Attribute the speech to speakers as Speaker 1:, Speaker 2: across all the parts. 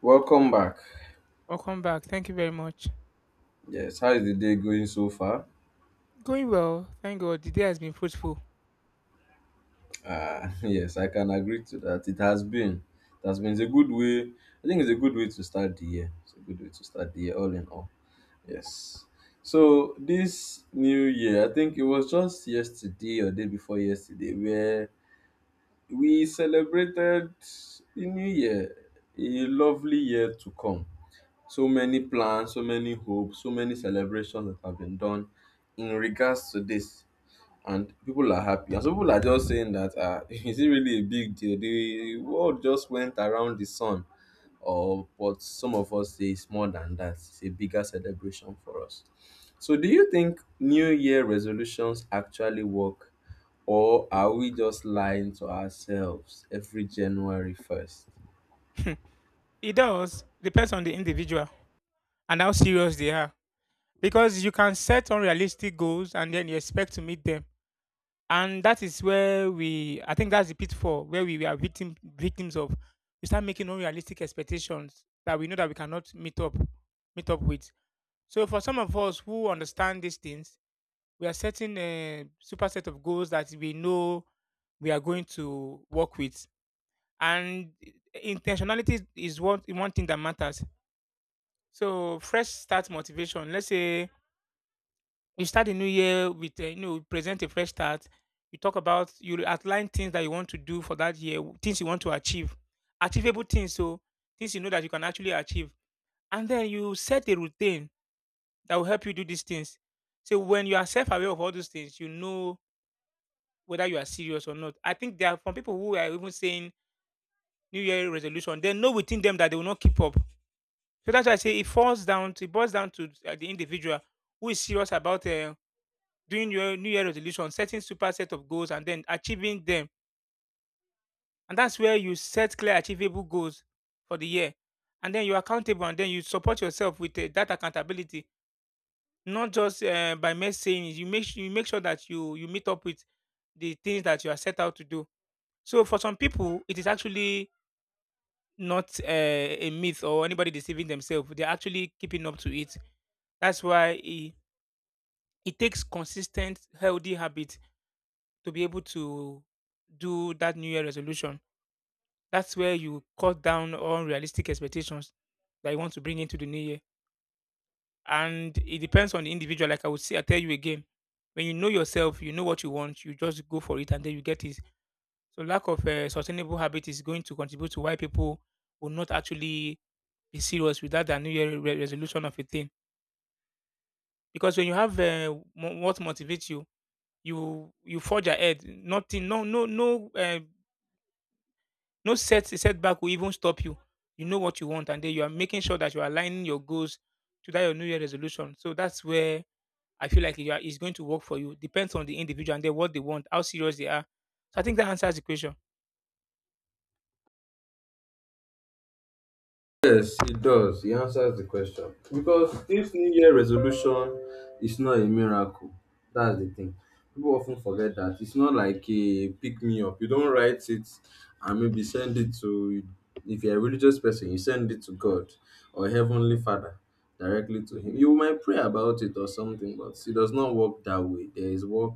Speaker 1: Welcome back.
Speaker 2: Welcome back. Thank you very much.
Speaker 1: Yes, how is the day going so far?
Speaker 2: Going well. Thank God. The day has been fruitful.
Speaker 1: Yes, I can agree to that. It has been. It's a good way. I think it's a good way to start the year. It's a good way to start the year, all in all. Yes. So this new year, I think it was just yesterday or day before yesterday, where we celebrated the new year, a lovely year to come. So many plans, so many hopes, so many celebrations that have been done in regards to this. And people are happy, and some people are just saying that, ah, is it really a big deal? The world just went around the sun. Or what some of us say is, more than that, it's a bigger celebration for us. So, do you think new year resolutions actually work, or are we just lying to ourselves every January 1st?
Speaker 2: It does depends on the individual and how serious they are. Because you can set unrealistic goals and then you expect to meet them. And that is where I think that's the pitfall where we are victims of. We start making unrealistic expectations that we know that we cannot meet up with. So for some of us who understand these things, we are setting a super set of goals that we know we are going to work with, and intentionality is one thing that matters. So fresh start motivation. Let's say you start the new year with you know, present a fresh start. You talk about you outline things that you want to do for that year, things you want to achieve, achievable things. So things you know that you can actually achieve, and then you set a routine that will help you do these things. So when you are self-aware of all those things, you know whether you are serious or not. I think there are some people who are even saying New Year resolution. They know within them that they will not keep up. So that's why I say it boils down to the individual who is serious about doing your New Year resolution, setting super set of goals, and then achieving them. And that's where you set clear, achievable goals for the year, and then you're accountable, and then you support yourself with that accountability, not just by mere saying it. You make sure that you meet up with the things that you are set out to do. So for some people, it is actually not a myth, or anybody deceiving themselves. They're actually keeping up to it. That's why. It takes consistent healthy habit to be able to do that new year resolution. That's where you cut down on realistic expectations that you want to bring into the new year, and it depends on the individual. Like I would say, I tell you again, when you know yourself, you know what you want, you just go for it, and then you get it. So lack of a sustainable habit is going to contribute to why people will not actually be serious with that their new year resolution of a thing. Because when you have what motivates you, you forge ahead. Nothing, no, no, no, no setback will even stop you. You know what you want, and then you are making sure that you are aligning your goals to that your New Year resolution. So that's where I feel like it's going to work for you. Depends on the individual and then what they want, how serious they are. So I think that answers the question.
Speaker 1: Yes, it does. It answers the question. Because if New Year resolution is not a miracle, that's the thing. People often forget that. It's not like a pick me up. You don't write it and maybe send it to, if you're a religious person, you send it to God or Heavenly Father directly to Him. You might pray about it or something, but it does not work that way. There is work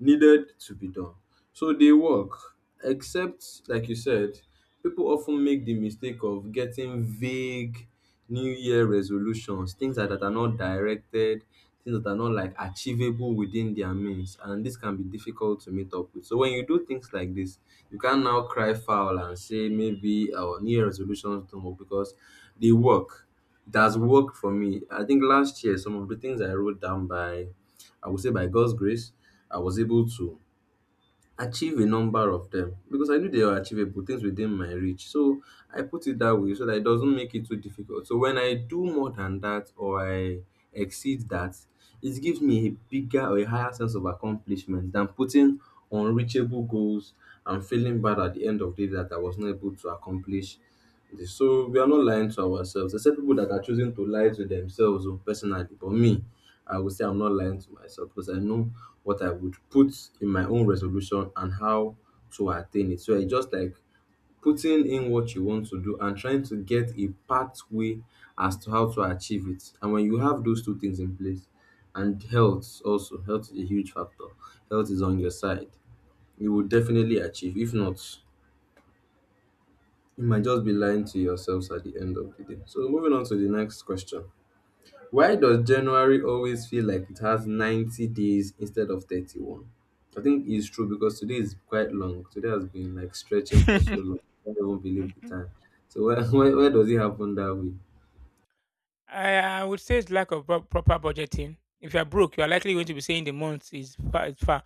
Speaker 1: needed to be done. So they work, except, like you said, people often make the mistake of getting vague New Year resolutions, things that are not directed, things that are not like achievable within their means. And this can be difficult to meet up with. So when you do things like this, you can now cry foul and say maybe our New Year resolutions don't work because they work. It has worked for me. I think last year, some of the things I wrote down, by I would say by God's grace, I was able to achieve a number of them because I knew they were achievable, things within my reach. So I put it that way so that it doesn't make it too difficult. So when I do more than that, or I exceed that, it gives me a bigger or a higher sense of accomplishment than putting unreachable goals and feeling bad at the end of the day that I was not able to accomplish. So we are not lying to ourselves, except people that are choosing to lie to themselves, oh, personally. But me, I would say I'm not lying to myself because I know what I would put in my own resolution and how to attain it. So I just like putting in what you want to do and trying to get a pathway as to how to achieve it. And when you have those two things in place, and health also, health is a huge factor. Health is on your side. You will definitely achieve. If not, you might just be lying to yourselves at the end of the day. So, moving on to the next question. Why does January always feel like it has 90 days instead of 31? I think it's true because today is quite long. Today has been like stretching for so long. I don't believe the time. So, why why does it happen that way?
Speaker 2: I would say it's lack of proper budgeting. If you are broke, you are likely going to be saying the month is far.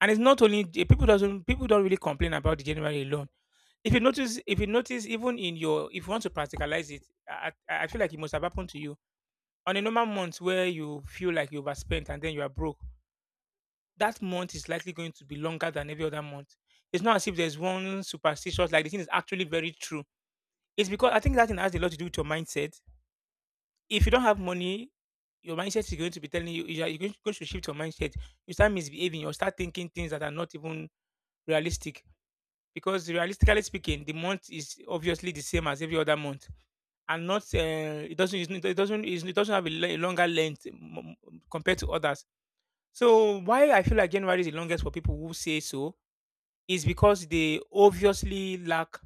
Speaker 2: And it's not only people doesn't people don't really complain about the January alone. If you notice, even in your, if you want to practicalize it, I feel like it must have happened to you on a normal month where you feel like you overspent and then you are broke. That month is likely going to be longer than every other month. It's not as if there's one superstitious, like, the thing is actually very true. It's because I think that thing has a lot to do with your mindset. If you don't have money, your mindset is going to be telling you you are you're going to shift your mindset. You start misbehaving. You start thinking things that are not even realistic. Because realistically speaking, the month is obviously the same as every other month, and not it doesn't it's not- it doesn't it's- it doesn't have a longer length compared to others. So why I feel like January is the longest for people who say so is because they obviously lack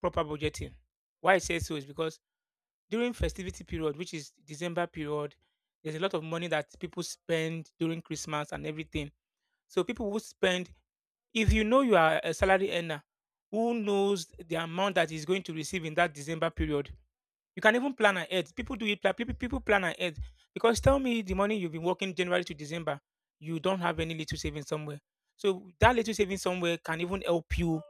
Speaker 2: proper budgeting. Why I say so is because during festivity period, which is December period, there's a lot of money that people spend during Christmas and everything. So people will spend. If you know you are a salary earner, who knows the amount that is going to receive in that December period? You can even plan ahead. People do it. People plan ahead. Because tell me, the money you've been working January to December, you don't have any little savings somewhere. So that little savings somewhere can even help you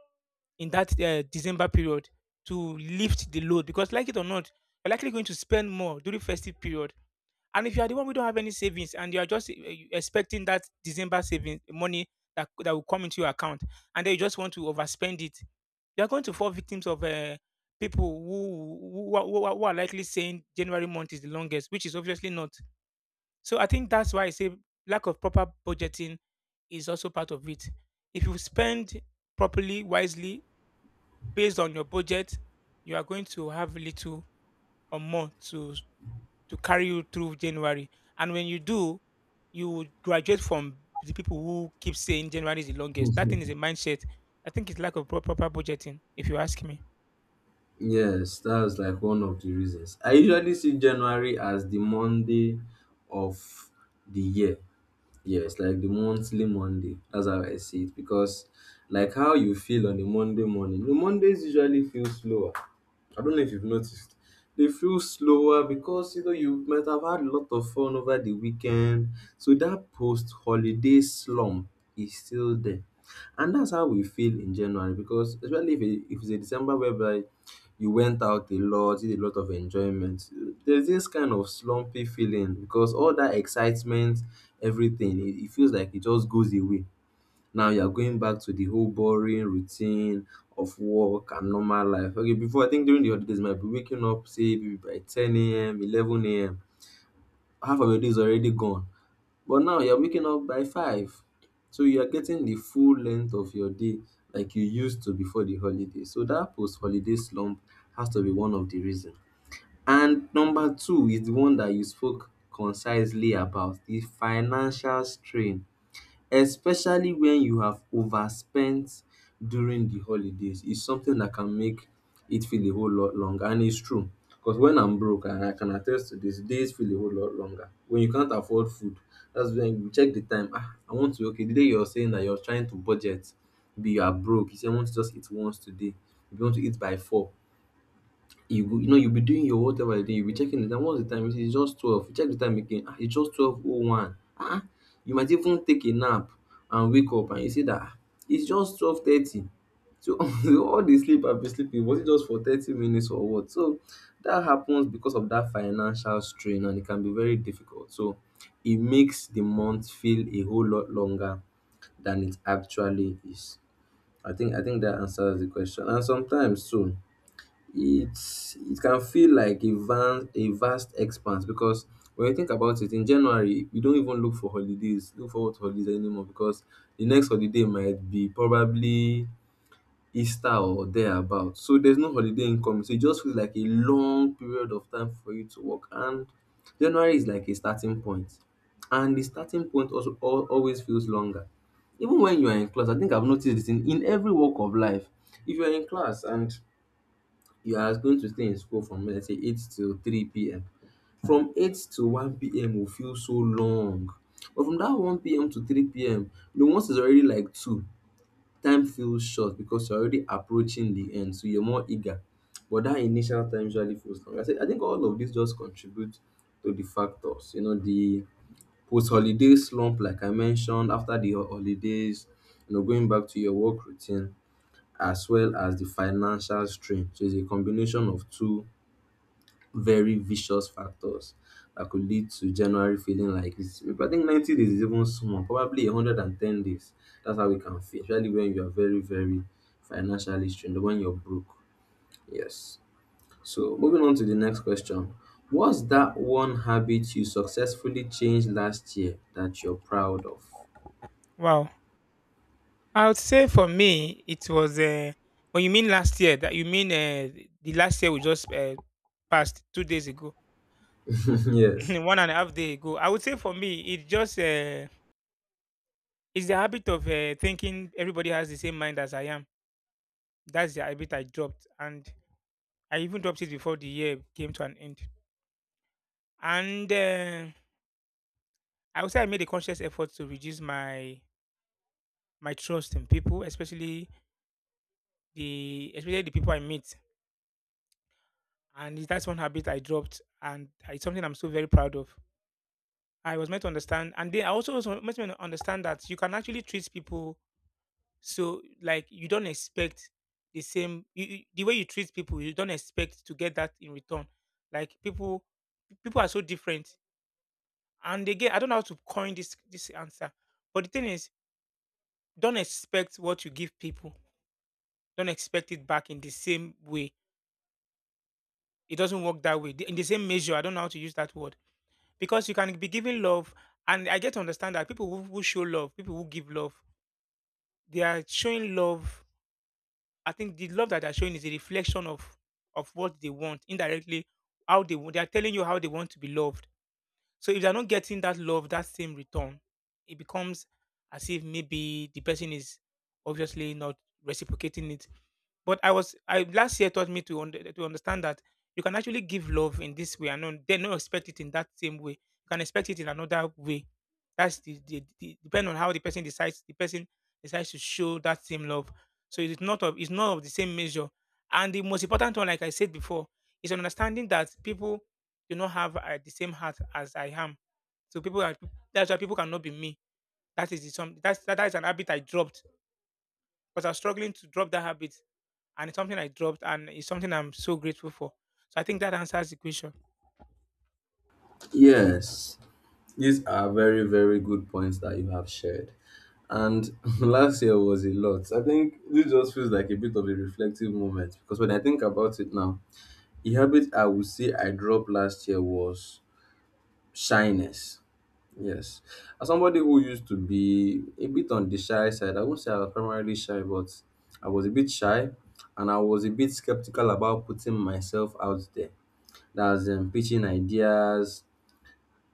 Speaker 2: in that December period to lift the load because, like it or not, you're likely going to spend more during festive period. And if you are the one who don't have any savings, and you are just expecting that December savings money that will come into your account, and then you just want to overspend it, you are going to fall victims of people who are likely saying January month is the longest, which is obviously not. So I think that's why I say lack of proper budgeting is also part of it. If you spend properly, wisely, based on your budget, you are going to have little or more to carry you through January. And when you do, you would graduate from the people who keep saying January is the longest. That thing is a mindset. I think it's lack of proper budgeting, if you ask me.
Speaker 1: Yes, that's like one of the reasons. I usually see January as the Monday of the year. Yes, like the monthly Monday. That's how I see it. Because like how you feel on the Monday morning, the Mondays usually feel slower. I don't know if you've noticed. They feel slower because you know you might have had a lot of fun over the weekend. So that post holiday slump is still there. And that's how we feel in January, because especially if it's a December whereby you went out a lot, did a lot of enjoyment. There's this kind of slumpy feeling because all that excitement, everything, it feels like it just goes away. Now you're going back to the whole boring routine of work and normal life. Okay, before, I think during the holidays, you might be waking up, say, maybe by 10 a.m., 11 a.m. Half of your day is already gone. But now you're waking up by 5. So you are getting the full length of your day like you used to before the holiday. So that post holiday slump has to be one of the reasons. And number two is the one that you spoke concisely about, the financial strain, especially when you have overspent during the holidays, is something that can make it feel a whole lot longer. And it's true, because when I'm broke, and I can attest to this, days feel a whole lot longer when you can't afford food. That's when you check the time, ah, I want to, okay, the day you're saying that you're trying to budget, be, you are broke, you say, I want to just eat once today. If you want to eat by 4, you will, you know, you'll be doing your whatever you do. You'll be checking the time, what's the time, you see, it's just 12. You check the time again, ah, it's just 12:01, ah, you might even take a nap, and wake up and you see that, ah, it's just 12:30. So all the sleep I've been sleeping, was it just for 30 minutes or what? So that happens because of that financial strain, and it can be very difficult. So it makes the month feel a whole lot longer than it actually is. I think that answers the question. And sometimes too, it's it can feel like a vast expanse, because when you think about it, in January, you don't even look for holidays, look forward to holidays anymore, because the next holiday might be probably Easter or thereabout. So there's no holiday income, so it just feels like a long period of time for you to work. And January is like a starting point, and the starting point also always feels longer. Even when you are in class, I think I've noticed this in every walk of life. If you are in class, and you are going to stay in school from, let's say, 8 till 3 p.m. From 8 to 1 p.m. will feel so long. But from that 1 p.m. to 3 p.m., you know, once it's already like 2, time feels short because you're already approaching the end, so you're more eager. But that initial time usually feels long. I say, I think all of this just contribute to the factors, you know, the post-holiday slump, like I mentioned, after the holidays, you know, going back to your work routine, as well as the financial strain. So it's a combination of two very vicious factors that could lead to January feeling like this. I think 90 days is even small, probably 110 days. That's how we can feel, especially when you are very, very financially strained, when you're broke. Yes. So, moving on to the next question. What's that one habit you successfully changed last year that you're proud of?
Speaker 2: Wow. I would say for me, it was when you mean last year, that you mean the last year we just passed 2 days ago,
Speaker 1: Yes.
Speaker 2: one and a half day ago. I would say for me, it just it's the habit of thinking everybody has the same mind as I am. That's the habit I dropped, and I even dropped it before the year came to an end. And I would say I made a conscious effort to reduce my trust in people, especially the people I meet. And that's one habit I dropped, and it's something I'm still very proud of. I was meant to understand, and then I also was meant to understand that you can actually treat people so, like, you don't expect the same the way you treat people. You don't expect to get that in return. Like people, people are so different. And again, I don't know how to coin this answer, but the thing is, don't expect what you give people. Don't expect it back in the same way. It doesn't work that way. In the same measure, I don't know how to use that word, because you can be giving love, and I get to understand that people who show love, people who give love, they are showing love. I think the love that they're showing is a reflection of what they want indirectly. How they want, they are telling you how they want to be loved. So if they're not getting that love, that same return, it becomes as if maybe the person is obviously not reciprocating it. But I was I last year taught me to to understand that you can actually give love in this way and not, then not expect it in that same way. You can expect it in another way. That's the depending on how the person decides. The person decides to show that same love. So it's not of the same measure. And the most important one, like I said before, is understanding that people do not have the same heart as I am. So people are, that's why people cannot be me. That is the, some that's that, that is an habit I dropped, because I was struggling to drop that habit, and it's something I dropped, and it's something I'm so grateful for. So I think that answers the question.
Speaker 1: Yes, these are very, very good points that you have shared. And last year was a lot. I think this just feels like a bit of a reflective moment, because when I think about it now, a habit I would say I dropped last year was shyness. Yes. As somebody who used to be a bit on the shy side, I won't say I was primarily shy, but I was a bit shy, and I was a bit skeptical about putting myself out there. That's, pitching ideas,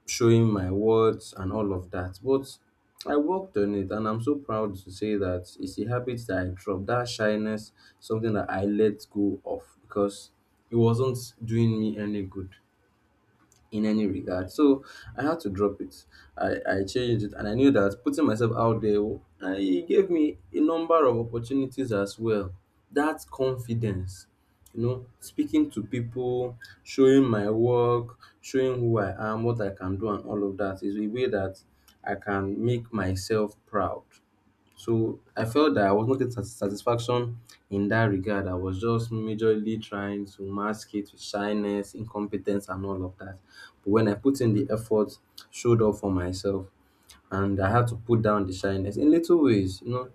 Speaker 1: showing my words and all of that. But I worked on it, and I'm so proud to say that it's a habit that I dropped. That shyness, something that I let go of because it wasn't doing me any good in any regard. So I had to drop it. I changed it, and I knew that putting myself out there, I, it gave me a number of opportunities as well. That confidence, you know, speaking to people, showing my work, showing who I am, what I can do and all of that, is a way that I can make myself proud. So I felt that I was not getting satisfaction in that regard. I was just majorly trying to mask it with shyness, incompetence, and all of that. But when I put in the effort, showed up for myself, and I had to put down the shyness in little ways, you know,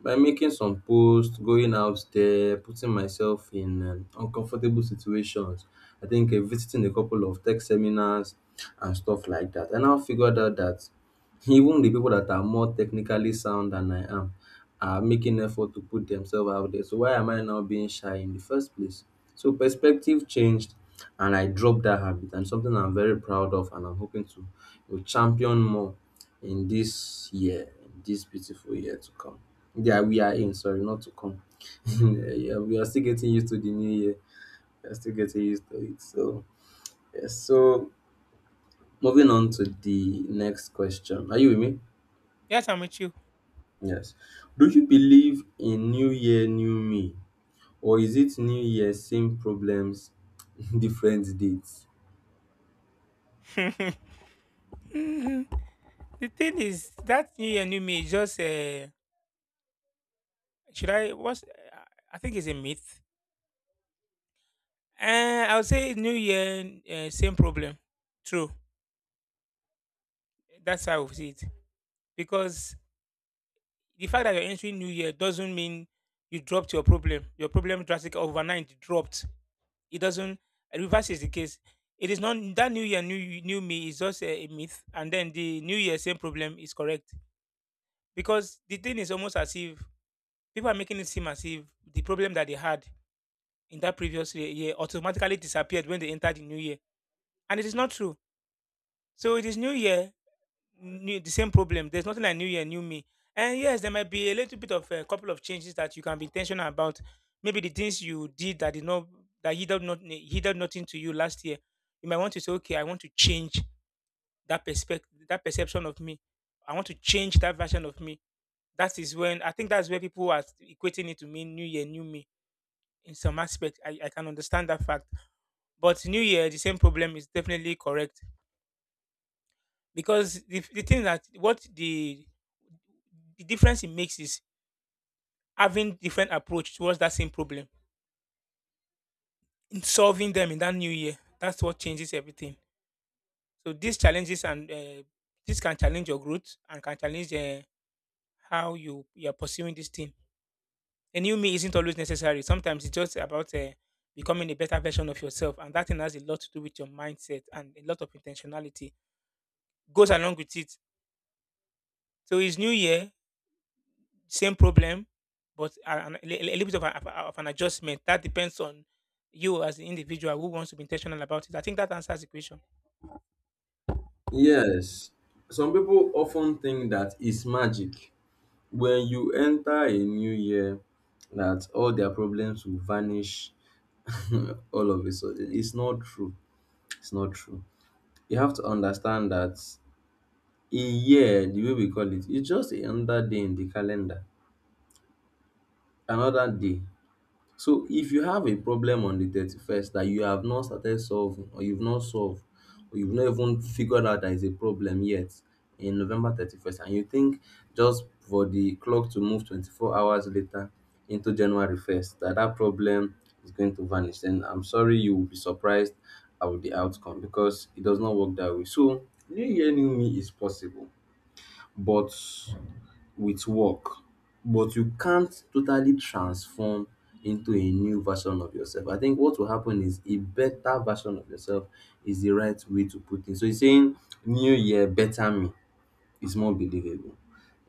Speaker 1: by making some posts, going out there, putting myself in uncomfortable situations. I think visiting a couple of tech seminars and stuff like that. And I now figured out that even the people that are more technically sound than I am are making effort to put themselves out there. So why am I now being shy in the first place? So perspective changed and I dropped that habit and something I'm very proud of and I'm hoping to champion more in this year, in this beautiful year to come. Yeah, we are in, sorry, not to come. Yeah, we are still getting used to the new year. We are still getting used to it. So, yes. So, moving on to the next question. Are you with me?
Speaker 2: Yes, I'm with you.
Speaker 1: Yes. Do you believe in New Year, New Me? Or is it New Year, same problems, different dates?
Speaker 2: the thing is that new year, new me is just should I what's I think it's a myth. I would say new year, same problem. True. That's how I would see it. Because the fact that you're entering New Year doesn't mean you dropped your problem. Your problem drastically overnight dropped. It doesn't. And reverse is the case. It is not that New Year, new me is just a myth, and then the New Year same problem is correct because the thing is almost as if people are making it seem as if the problem that they had in that previous year automatically disappeared when they entered the New Year, and it is not true. So it is New Year new the same problem. There's nothing like New Year, new me. And yes, there might be a little bit of a couple of changes that you can be intentional about. Maybe the things you did that did not that he did not he did nothing to you last year. You might want to say, okay, I want to change that perspective, that perception of me. I want to change that version of me. That is when I think that's where people are equating it to mean new year, new me. In some aspect, I can understand that fact. But new year, the same problem is definitely correct because the thing that what the difference it makes is having different approach towards that same problem in solving them in that new year. That's what changes everything. So these challenges and this can challenge your growth and can challenge how you are pursuing this thing. A new me isn't always necessary. Sometimes it's just about becoming a better version of yourself, and that thing has a lot to do with your mindset, and a lot of intentionality goes along with it. So it's new year same problem, but a little bit of, of an adjustment. That depends on you as the individual who wants to be intentional about it. I think that answers the question.
Speaker 1: Yes. Some people often think that it's magic. When you enter a new year that all their problems will vanish all of a sudden. It's not true. It's not true. You have to understand that a year, the way we call it, it's just another day in the calendar, another day. So if you have a problem on the 31st that you have not started solving or you've not solved or you've not even figured out that is a problem yet in November 31st and you think just for the clock to move 24 hours later into January 1st that that problem is going to vanish, then I'm sorry you will be surprised at the outcome because it does not work that way. So New Year, New Me is possible, but with work, but you can't totally transform into a new version of yourself. I think what will happen is a better version of yourself is the right way to put it. So he's saying new year, better me is more believable.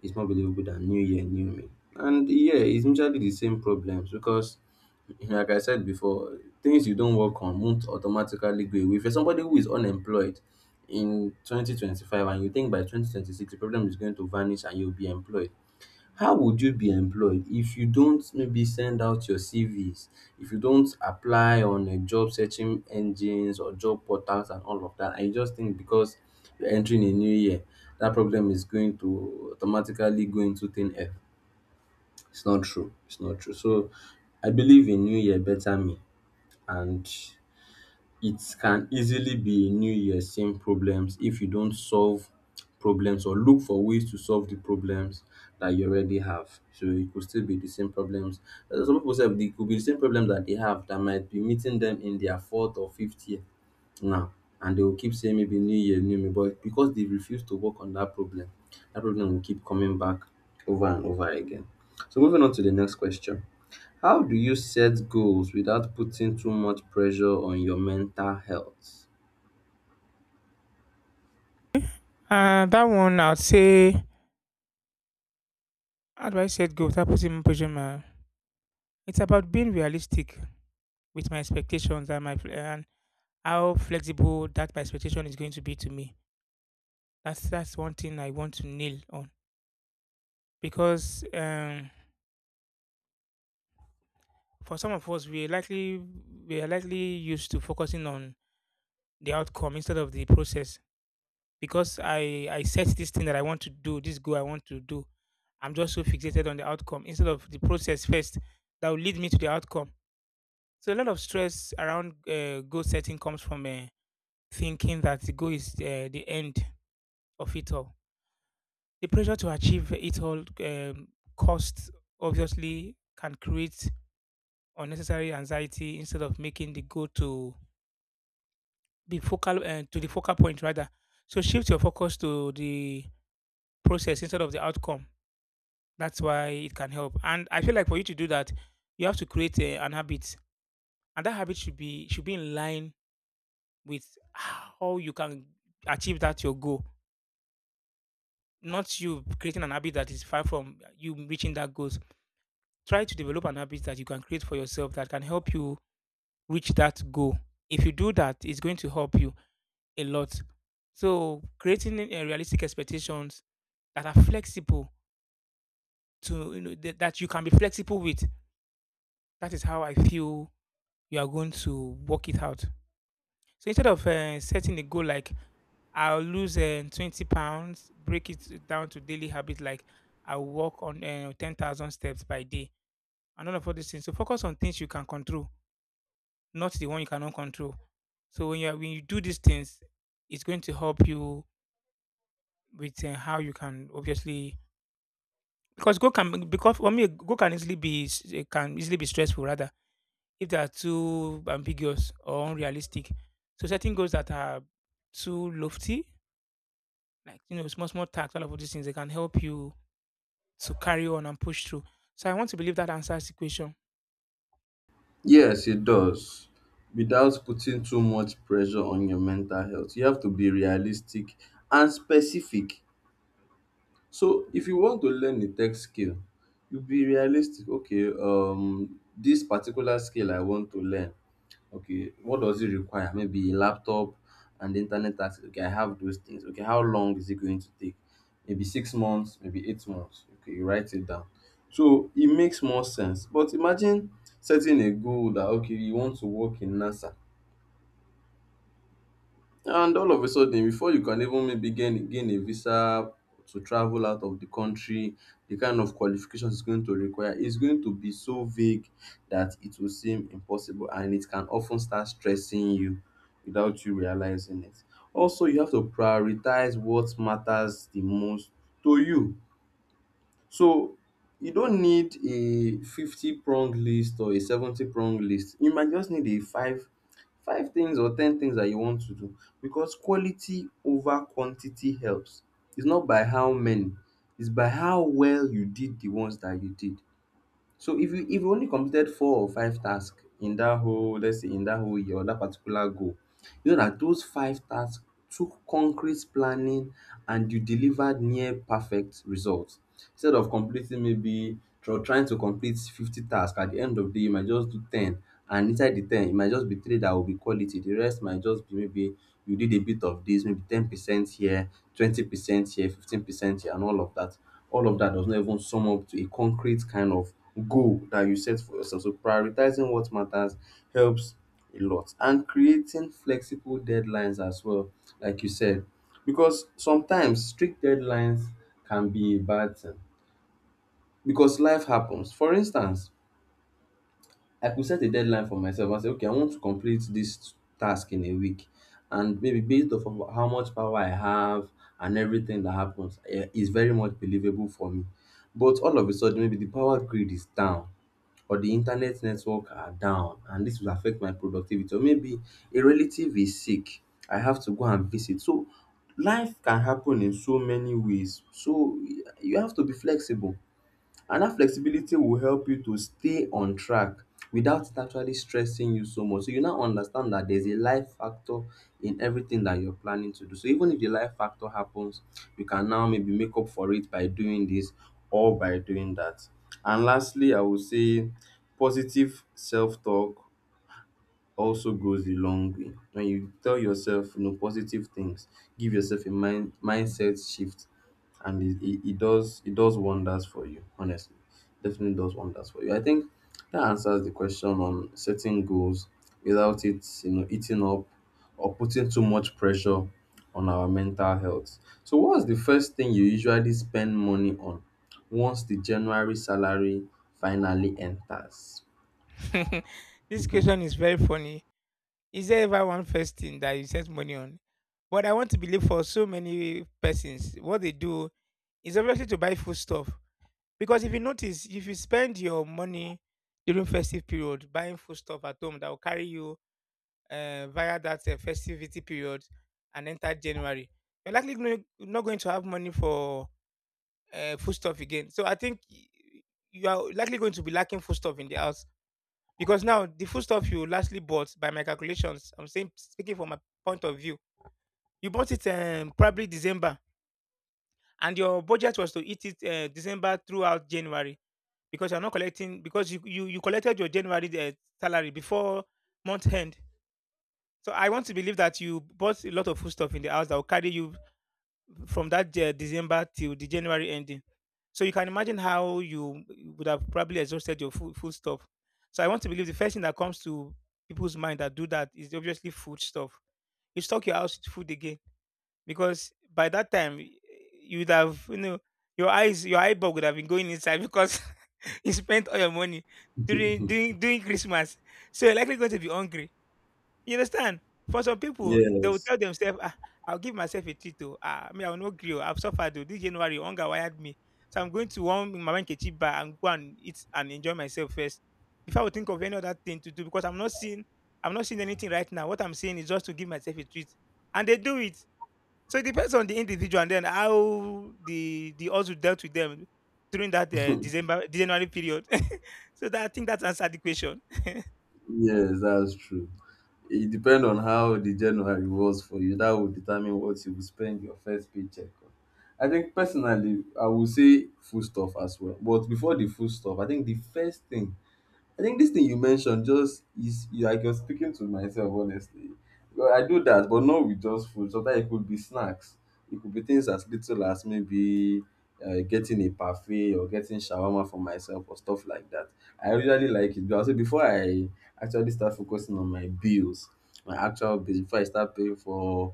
Speaker 1: It's more believable than new year, new me. And yeah, it's usually the same problems because like I said before, things you don't work on won't automatically go away. If you're somebody who is unemployed in 2025 and you think by 2026 the problem is going to vanish and you'll be employed, how would you be employed if you don't maybe send out your CVs, if you don't apply on a job searching engines or job portals and all of that, and you just think because you're entering a new year, that problem is going to automatically go into thin air. It's not true. It's not true. So I believe in new year better me and it can easily be a new year same problems if you don't solve problems or look for ways to solve the problems that you already have. So it could still be the same problems. Some people say, it could be the same problems that they have that might be meeting them in their fourth or fifth year now and they will keep saying maybe new year, new me, but because they refuse to work on that problem will keep coming back over and over again. So moving on to the next question. How do you set goals without putting too much pressure on your mental health?
Speaker 2: That one, I'd say, how do I set goals without putting more pressure? It's about being realistic with my expectations and how flexible that my expectation is going to be to me. That's one thing I want to nail on because for some of us, we are likely used to focusing on the outcome instead of the process, because I set this thing that I want to do, this goal I want to do. I'm just so fixated on the outcome instead of the process first that will lead me to the outcome. So a lot of stress around goal setting comes from thinking that the goal is the end of it all. The pressure to achieve it all cost obviously can create unnecessary anxiety instead of making the goal to be focal to the focal point rather. So shift your focus to the process instead of the outcome. That's why it can help. And I feel like for you to do that, you have to create an habit, and that habit should be in line with how you can achieve that your goal. Not you creating an habit that is far from you reaching that goals. Try to develop an habit that you can create for yourself that can help you reach that goal. If you do that, it's going to help you a lot. So creating a realistic expectations that are flexible to you know, that you can be flexible with. That is how I feel you are going to work it out. So instead of setting a goal like I'll lose 20 pounds, break it down to daily habits like I walk on 10,000 steps by day and all these things. So focus on things you can control, not the one you cannot control. So when you do these things, it's going to help you with how you can obviously, because go can because for me go can easily be s- eh, can easily be stressful rather if they are too ambiguous or unrealistic. So setting goals that are too lofty, like you know, small small tasks, all of these things, they can help you to carry on and push through. So I want to believe that answers the question.
Speaker 1: Yes, it does. Without putting too much pressure on your mental health, you have to be realistic and specific. So if you want to learn a tech skill, you be realistic. Okay, this particular skill I want to learn. Okay, what does it require? Maybe a laptop and internet access. Okay, I have those things. Okay, how long is it going to take? Maybe 6 months, maybe 8 months. Okay, you write it down. So it makes more sense. But imagine setting a goal that okay, you want to work in NASA and all of a sudden, before you can even maybe gain a visa to travel out of the country, the kind of qualifications it's going to require is going to be so vague that it will seem impossible and it can often start stressing you without you realizing it. Also, you have to prioritize what matters the most to you so you don't need a 50 prong list or a 70 prong list. You might just need a five things or 10 things that you want to do because quality over quantity helps. It's not by how many, it's by how well you did the ones that you did. So if you only completed four or five tasks in that whole let's say in that whole year or that particular goal, you know that those five tasks took concrete planning and you delivered near perfect results instead of completing maybe trying to complete 50 tasks at the end of the day you might just do 10 and inside the 10 it might just be three that will be quality the rest might just be maybe you did a bit of this maybe 10% here 20% here 15% here and all of that. All of that does not even sum up to a concrete kind of goal that you set for yourself, so prioritizing what matters helps a lot, and creating flexible deadlines as well, like you said, because sometimes strict deadlines can be a bad thing because life happens. For instance, I could set a deadline for myself and say, okay, I want to complete this task in a week. And maybe based off of how much power I have and everything that happens, eh, is very much believable for me. But all of a sudden, maybe the power grid is down or the internet network are down and this will affect my productivity or maybe a relative is sick I have to go and visit so life can happen in so many ways so you have to be flexible and that flexibility will help you to stay on track without it actually stressing you so much. So you now understand that there's a life factor in everything that you're planning to do. So even if the life factor happens, you can now maybe make up for it by doing this or by doing that. And lastly, I would say positive self talk also goes a long way. When you tell yourself, positive things, give yourself a mindset shift, and it does wonders for you. Honestly, definitely does wonders for you. I think that answers the question on setting goals without it, eating up or putting too much pressure on our mental health. So, what's the first thing you usually spend money on once the January salary finally enters?
Speaker 2: This question is very funny. Is there ever one first thing that you set money on? But I want to believe for so many persons, what they do is obviously to buy food stuff. Because if you notice, if you spend your money during festive period buying food stuff at home that will carry you via that festivity period and enter January, you're not going to have money for food stuff again. So I think you are likely going to be lacking food stuff in the house, because now the food stuff you lastly bought, by my calculations, I'm saying speaking from my point of view, you bought it probably December, and your budget was to eat it December throughout January, because you're not collecting because you collected your January salary before month end. So I want to believe that you bought a lot of food stuff in the house that will carry you from that December till the January ending. So you can imagine how you would have probably exhausted your food stuff. So I want to believe the first thing that comes to people's mind that do that is obviously food stuff. You stock your house with food again, because by that time you would have, you know, your eyeball would have been going inside, because you spent all your money during Christmas. So you're likely going to be hungry, you understand? For some people, they will
Speaker 1: Yes.
Speaker 2: tell themselves, ah, I'll give myself a treat. Oh, ah, me, I will not grill. I've suffered. Oh. This January, hunger wired me. So I'm going to one my Kechi bar and go and eat and enjoy myself first before I would think of any other thing to do, because I'm not seeing anything right now. What I'm saying is just to give myself a treat. And they do it. So it depends on the individual and then how the also dealt with them during that December January period. so that I think that's answered the question.
Speaker 1: Yes, that's true. It depends on how the January was for you. That will determine what you will spend your first paycheck on. I think personally, I will say food stuff as well. But before the food stuff, I think the first thing I think this thing you mentioned just is you like you're speaking to myself honestly. Well, I do that, but not with just food. Sometimes it could be snacks. It could be things as little as maybe getting a parfait or getting shawarma for myself or stuff like that. I usually like it, but I say before I actually start focusing on my bills, my actual bills, before I start paying for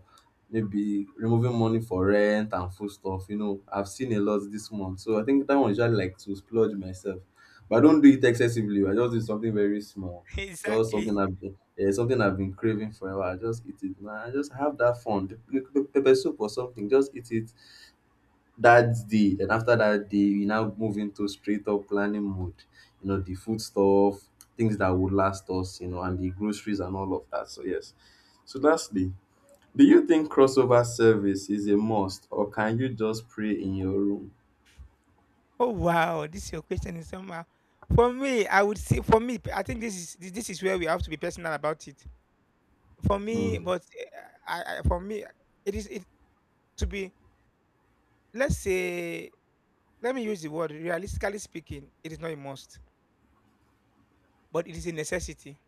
Speaker 1: maybe removing money for rent and food stuff, you know, I've seen a lot this month. So I think that one usually like to splurge myself but I don't do it excessively. I just do something very small. Just
Speaker 2: exactly.
Speaker 1: something I've been, eh, something I've been craving forever. I just eat it. Man, I just have that fun. Pepper soup or something. Just eat it that day. Then after that day, you now move into straight up planning mode. You know the food stuff, things that would last us. You know, and the groceries and all of that. So yes. So lastly, do you think crossover service is a must, or can you just pray in your room?
Speaker 2: Oh wow, this your question is somehow. For me, I would say for me, I think this is where we have to be personal about it. For me,
Speaker 1: Mm.
Speaker 2: but uh, I for me, it is it to be. Let's say, let me use the word. Realistically speaking, it is not a must, but it is a necessity.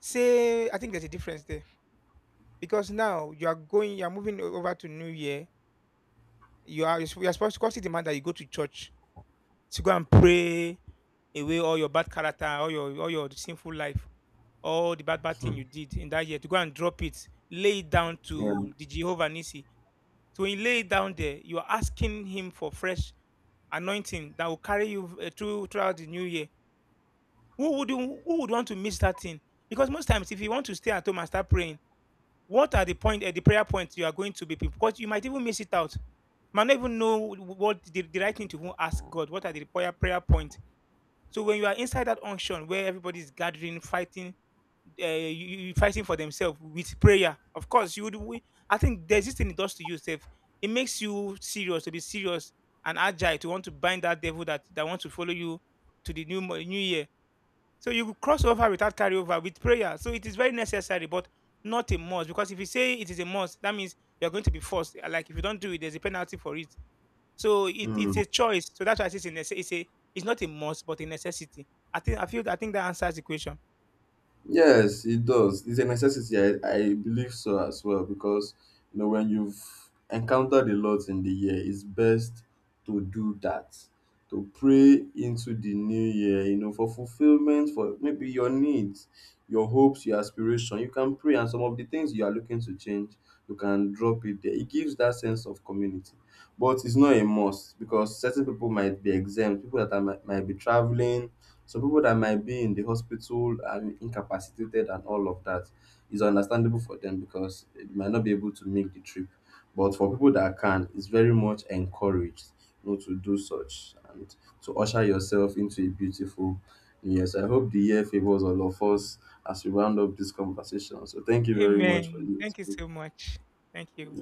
Speaker 2: Say, I think there's a difference there, because now you are moving over to New Year. You are supposed to constantly demand that you go to church to go and pray away all your bad character, all your sinful life, all the bad bad thing you did in that year, to go and drop it, lay it down
Speaker 1: Yeah.
Speaker 2: to the Jehovah Nisi. So when you lay it down there, you are asking him for fresh anointing that will carry you throughout the new year. Who would want to miss that thing? Because most times, if you want to stay at home and start praying, what are the prayer points you are going to be? Because you might even miss it out. Might not even know what the right thing to even ask God. What are the prayer points? So when you are inside that unction where everybody is gathering, fighting, you fighting for themselves with prayer. Of course, you would. I think there's this thing it does to you, Steph. It makes you serious and agile to want to bind that devil that wants to follow you to the new year. So you could cross over without carryover with prayer. So it is very necessary, but not a must. Because if you say it is a must, that means you're going to be forced. Like if you don't do it, there's a penalty for it. So it's
Speaker 1: Mm.
Speaker 2: a choice. So that's why I say it's a, it's not a must, but a necessity. I think that answers the question.
Speaker 1: Yes, it does. It's a necessity. I believe so as well because you know when you've encountered a lot in the year, it's best to do that, to pray into the new year. You know, for fulfillment, for maybe your needs, your hopes, your aspiration. You can pray, and some of the things you are looking to change, you can drop it there. It gives that sense of community, but it's not a must because certain people might be exempt. People that are, might be traveling some people that might be in the hospital and incapacitated and all of that is understandable for them because they might not be able to make the trip. But for people that can, it's very much encouraged, you know, to do such and to usher yourself into a beautiful New year. So I hope the year favors all of us as we round up this conversation. So thank you very much for
Speaker 2: Amen.
Speaker 1: this.
Speaker 2: Thank you so much. Thank you.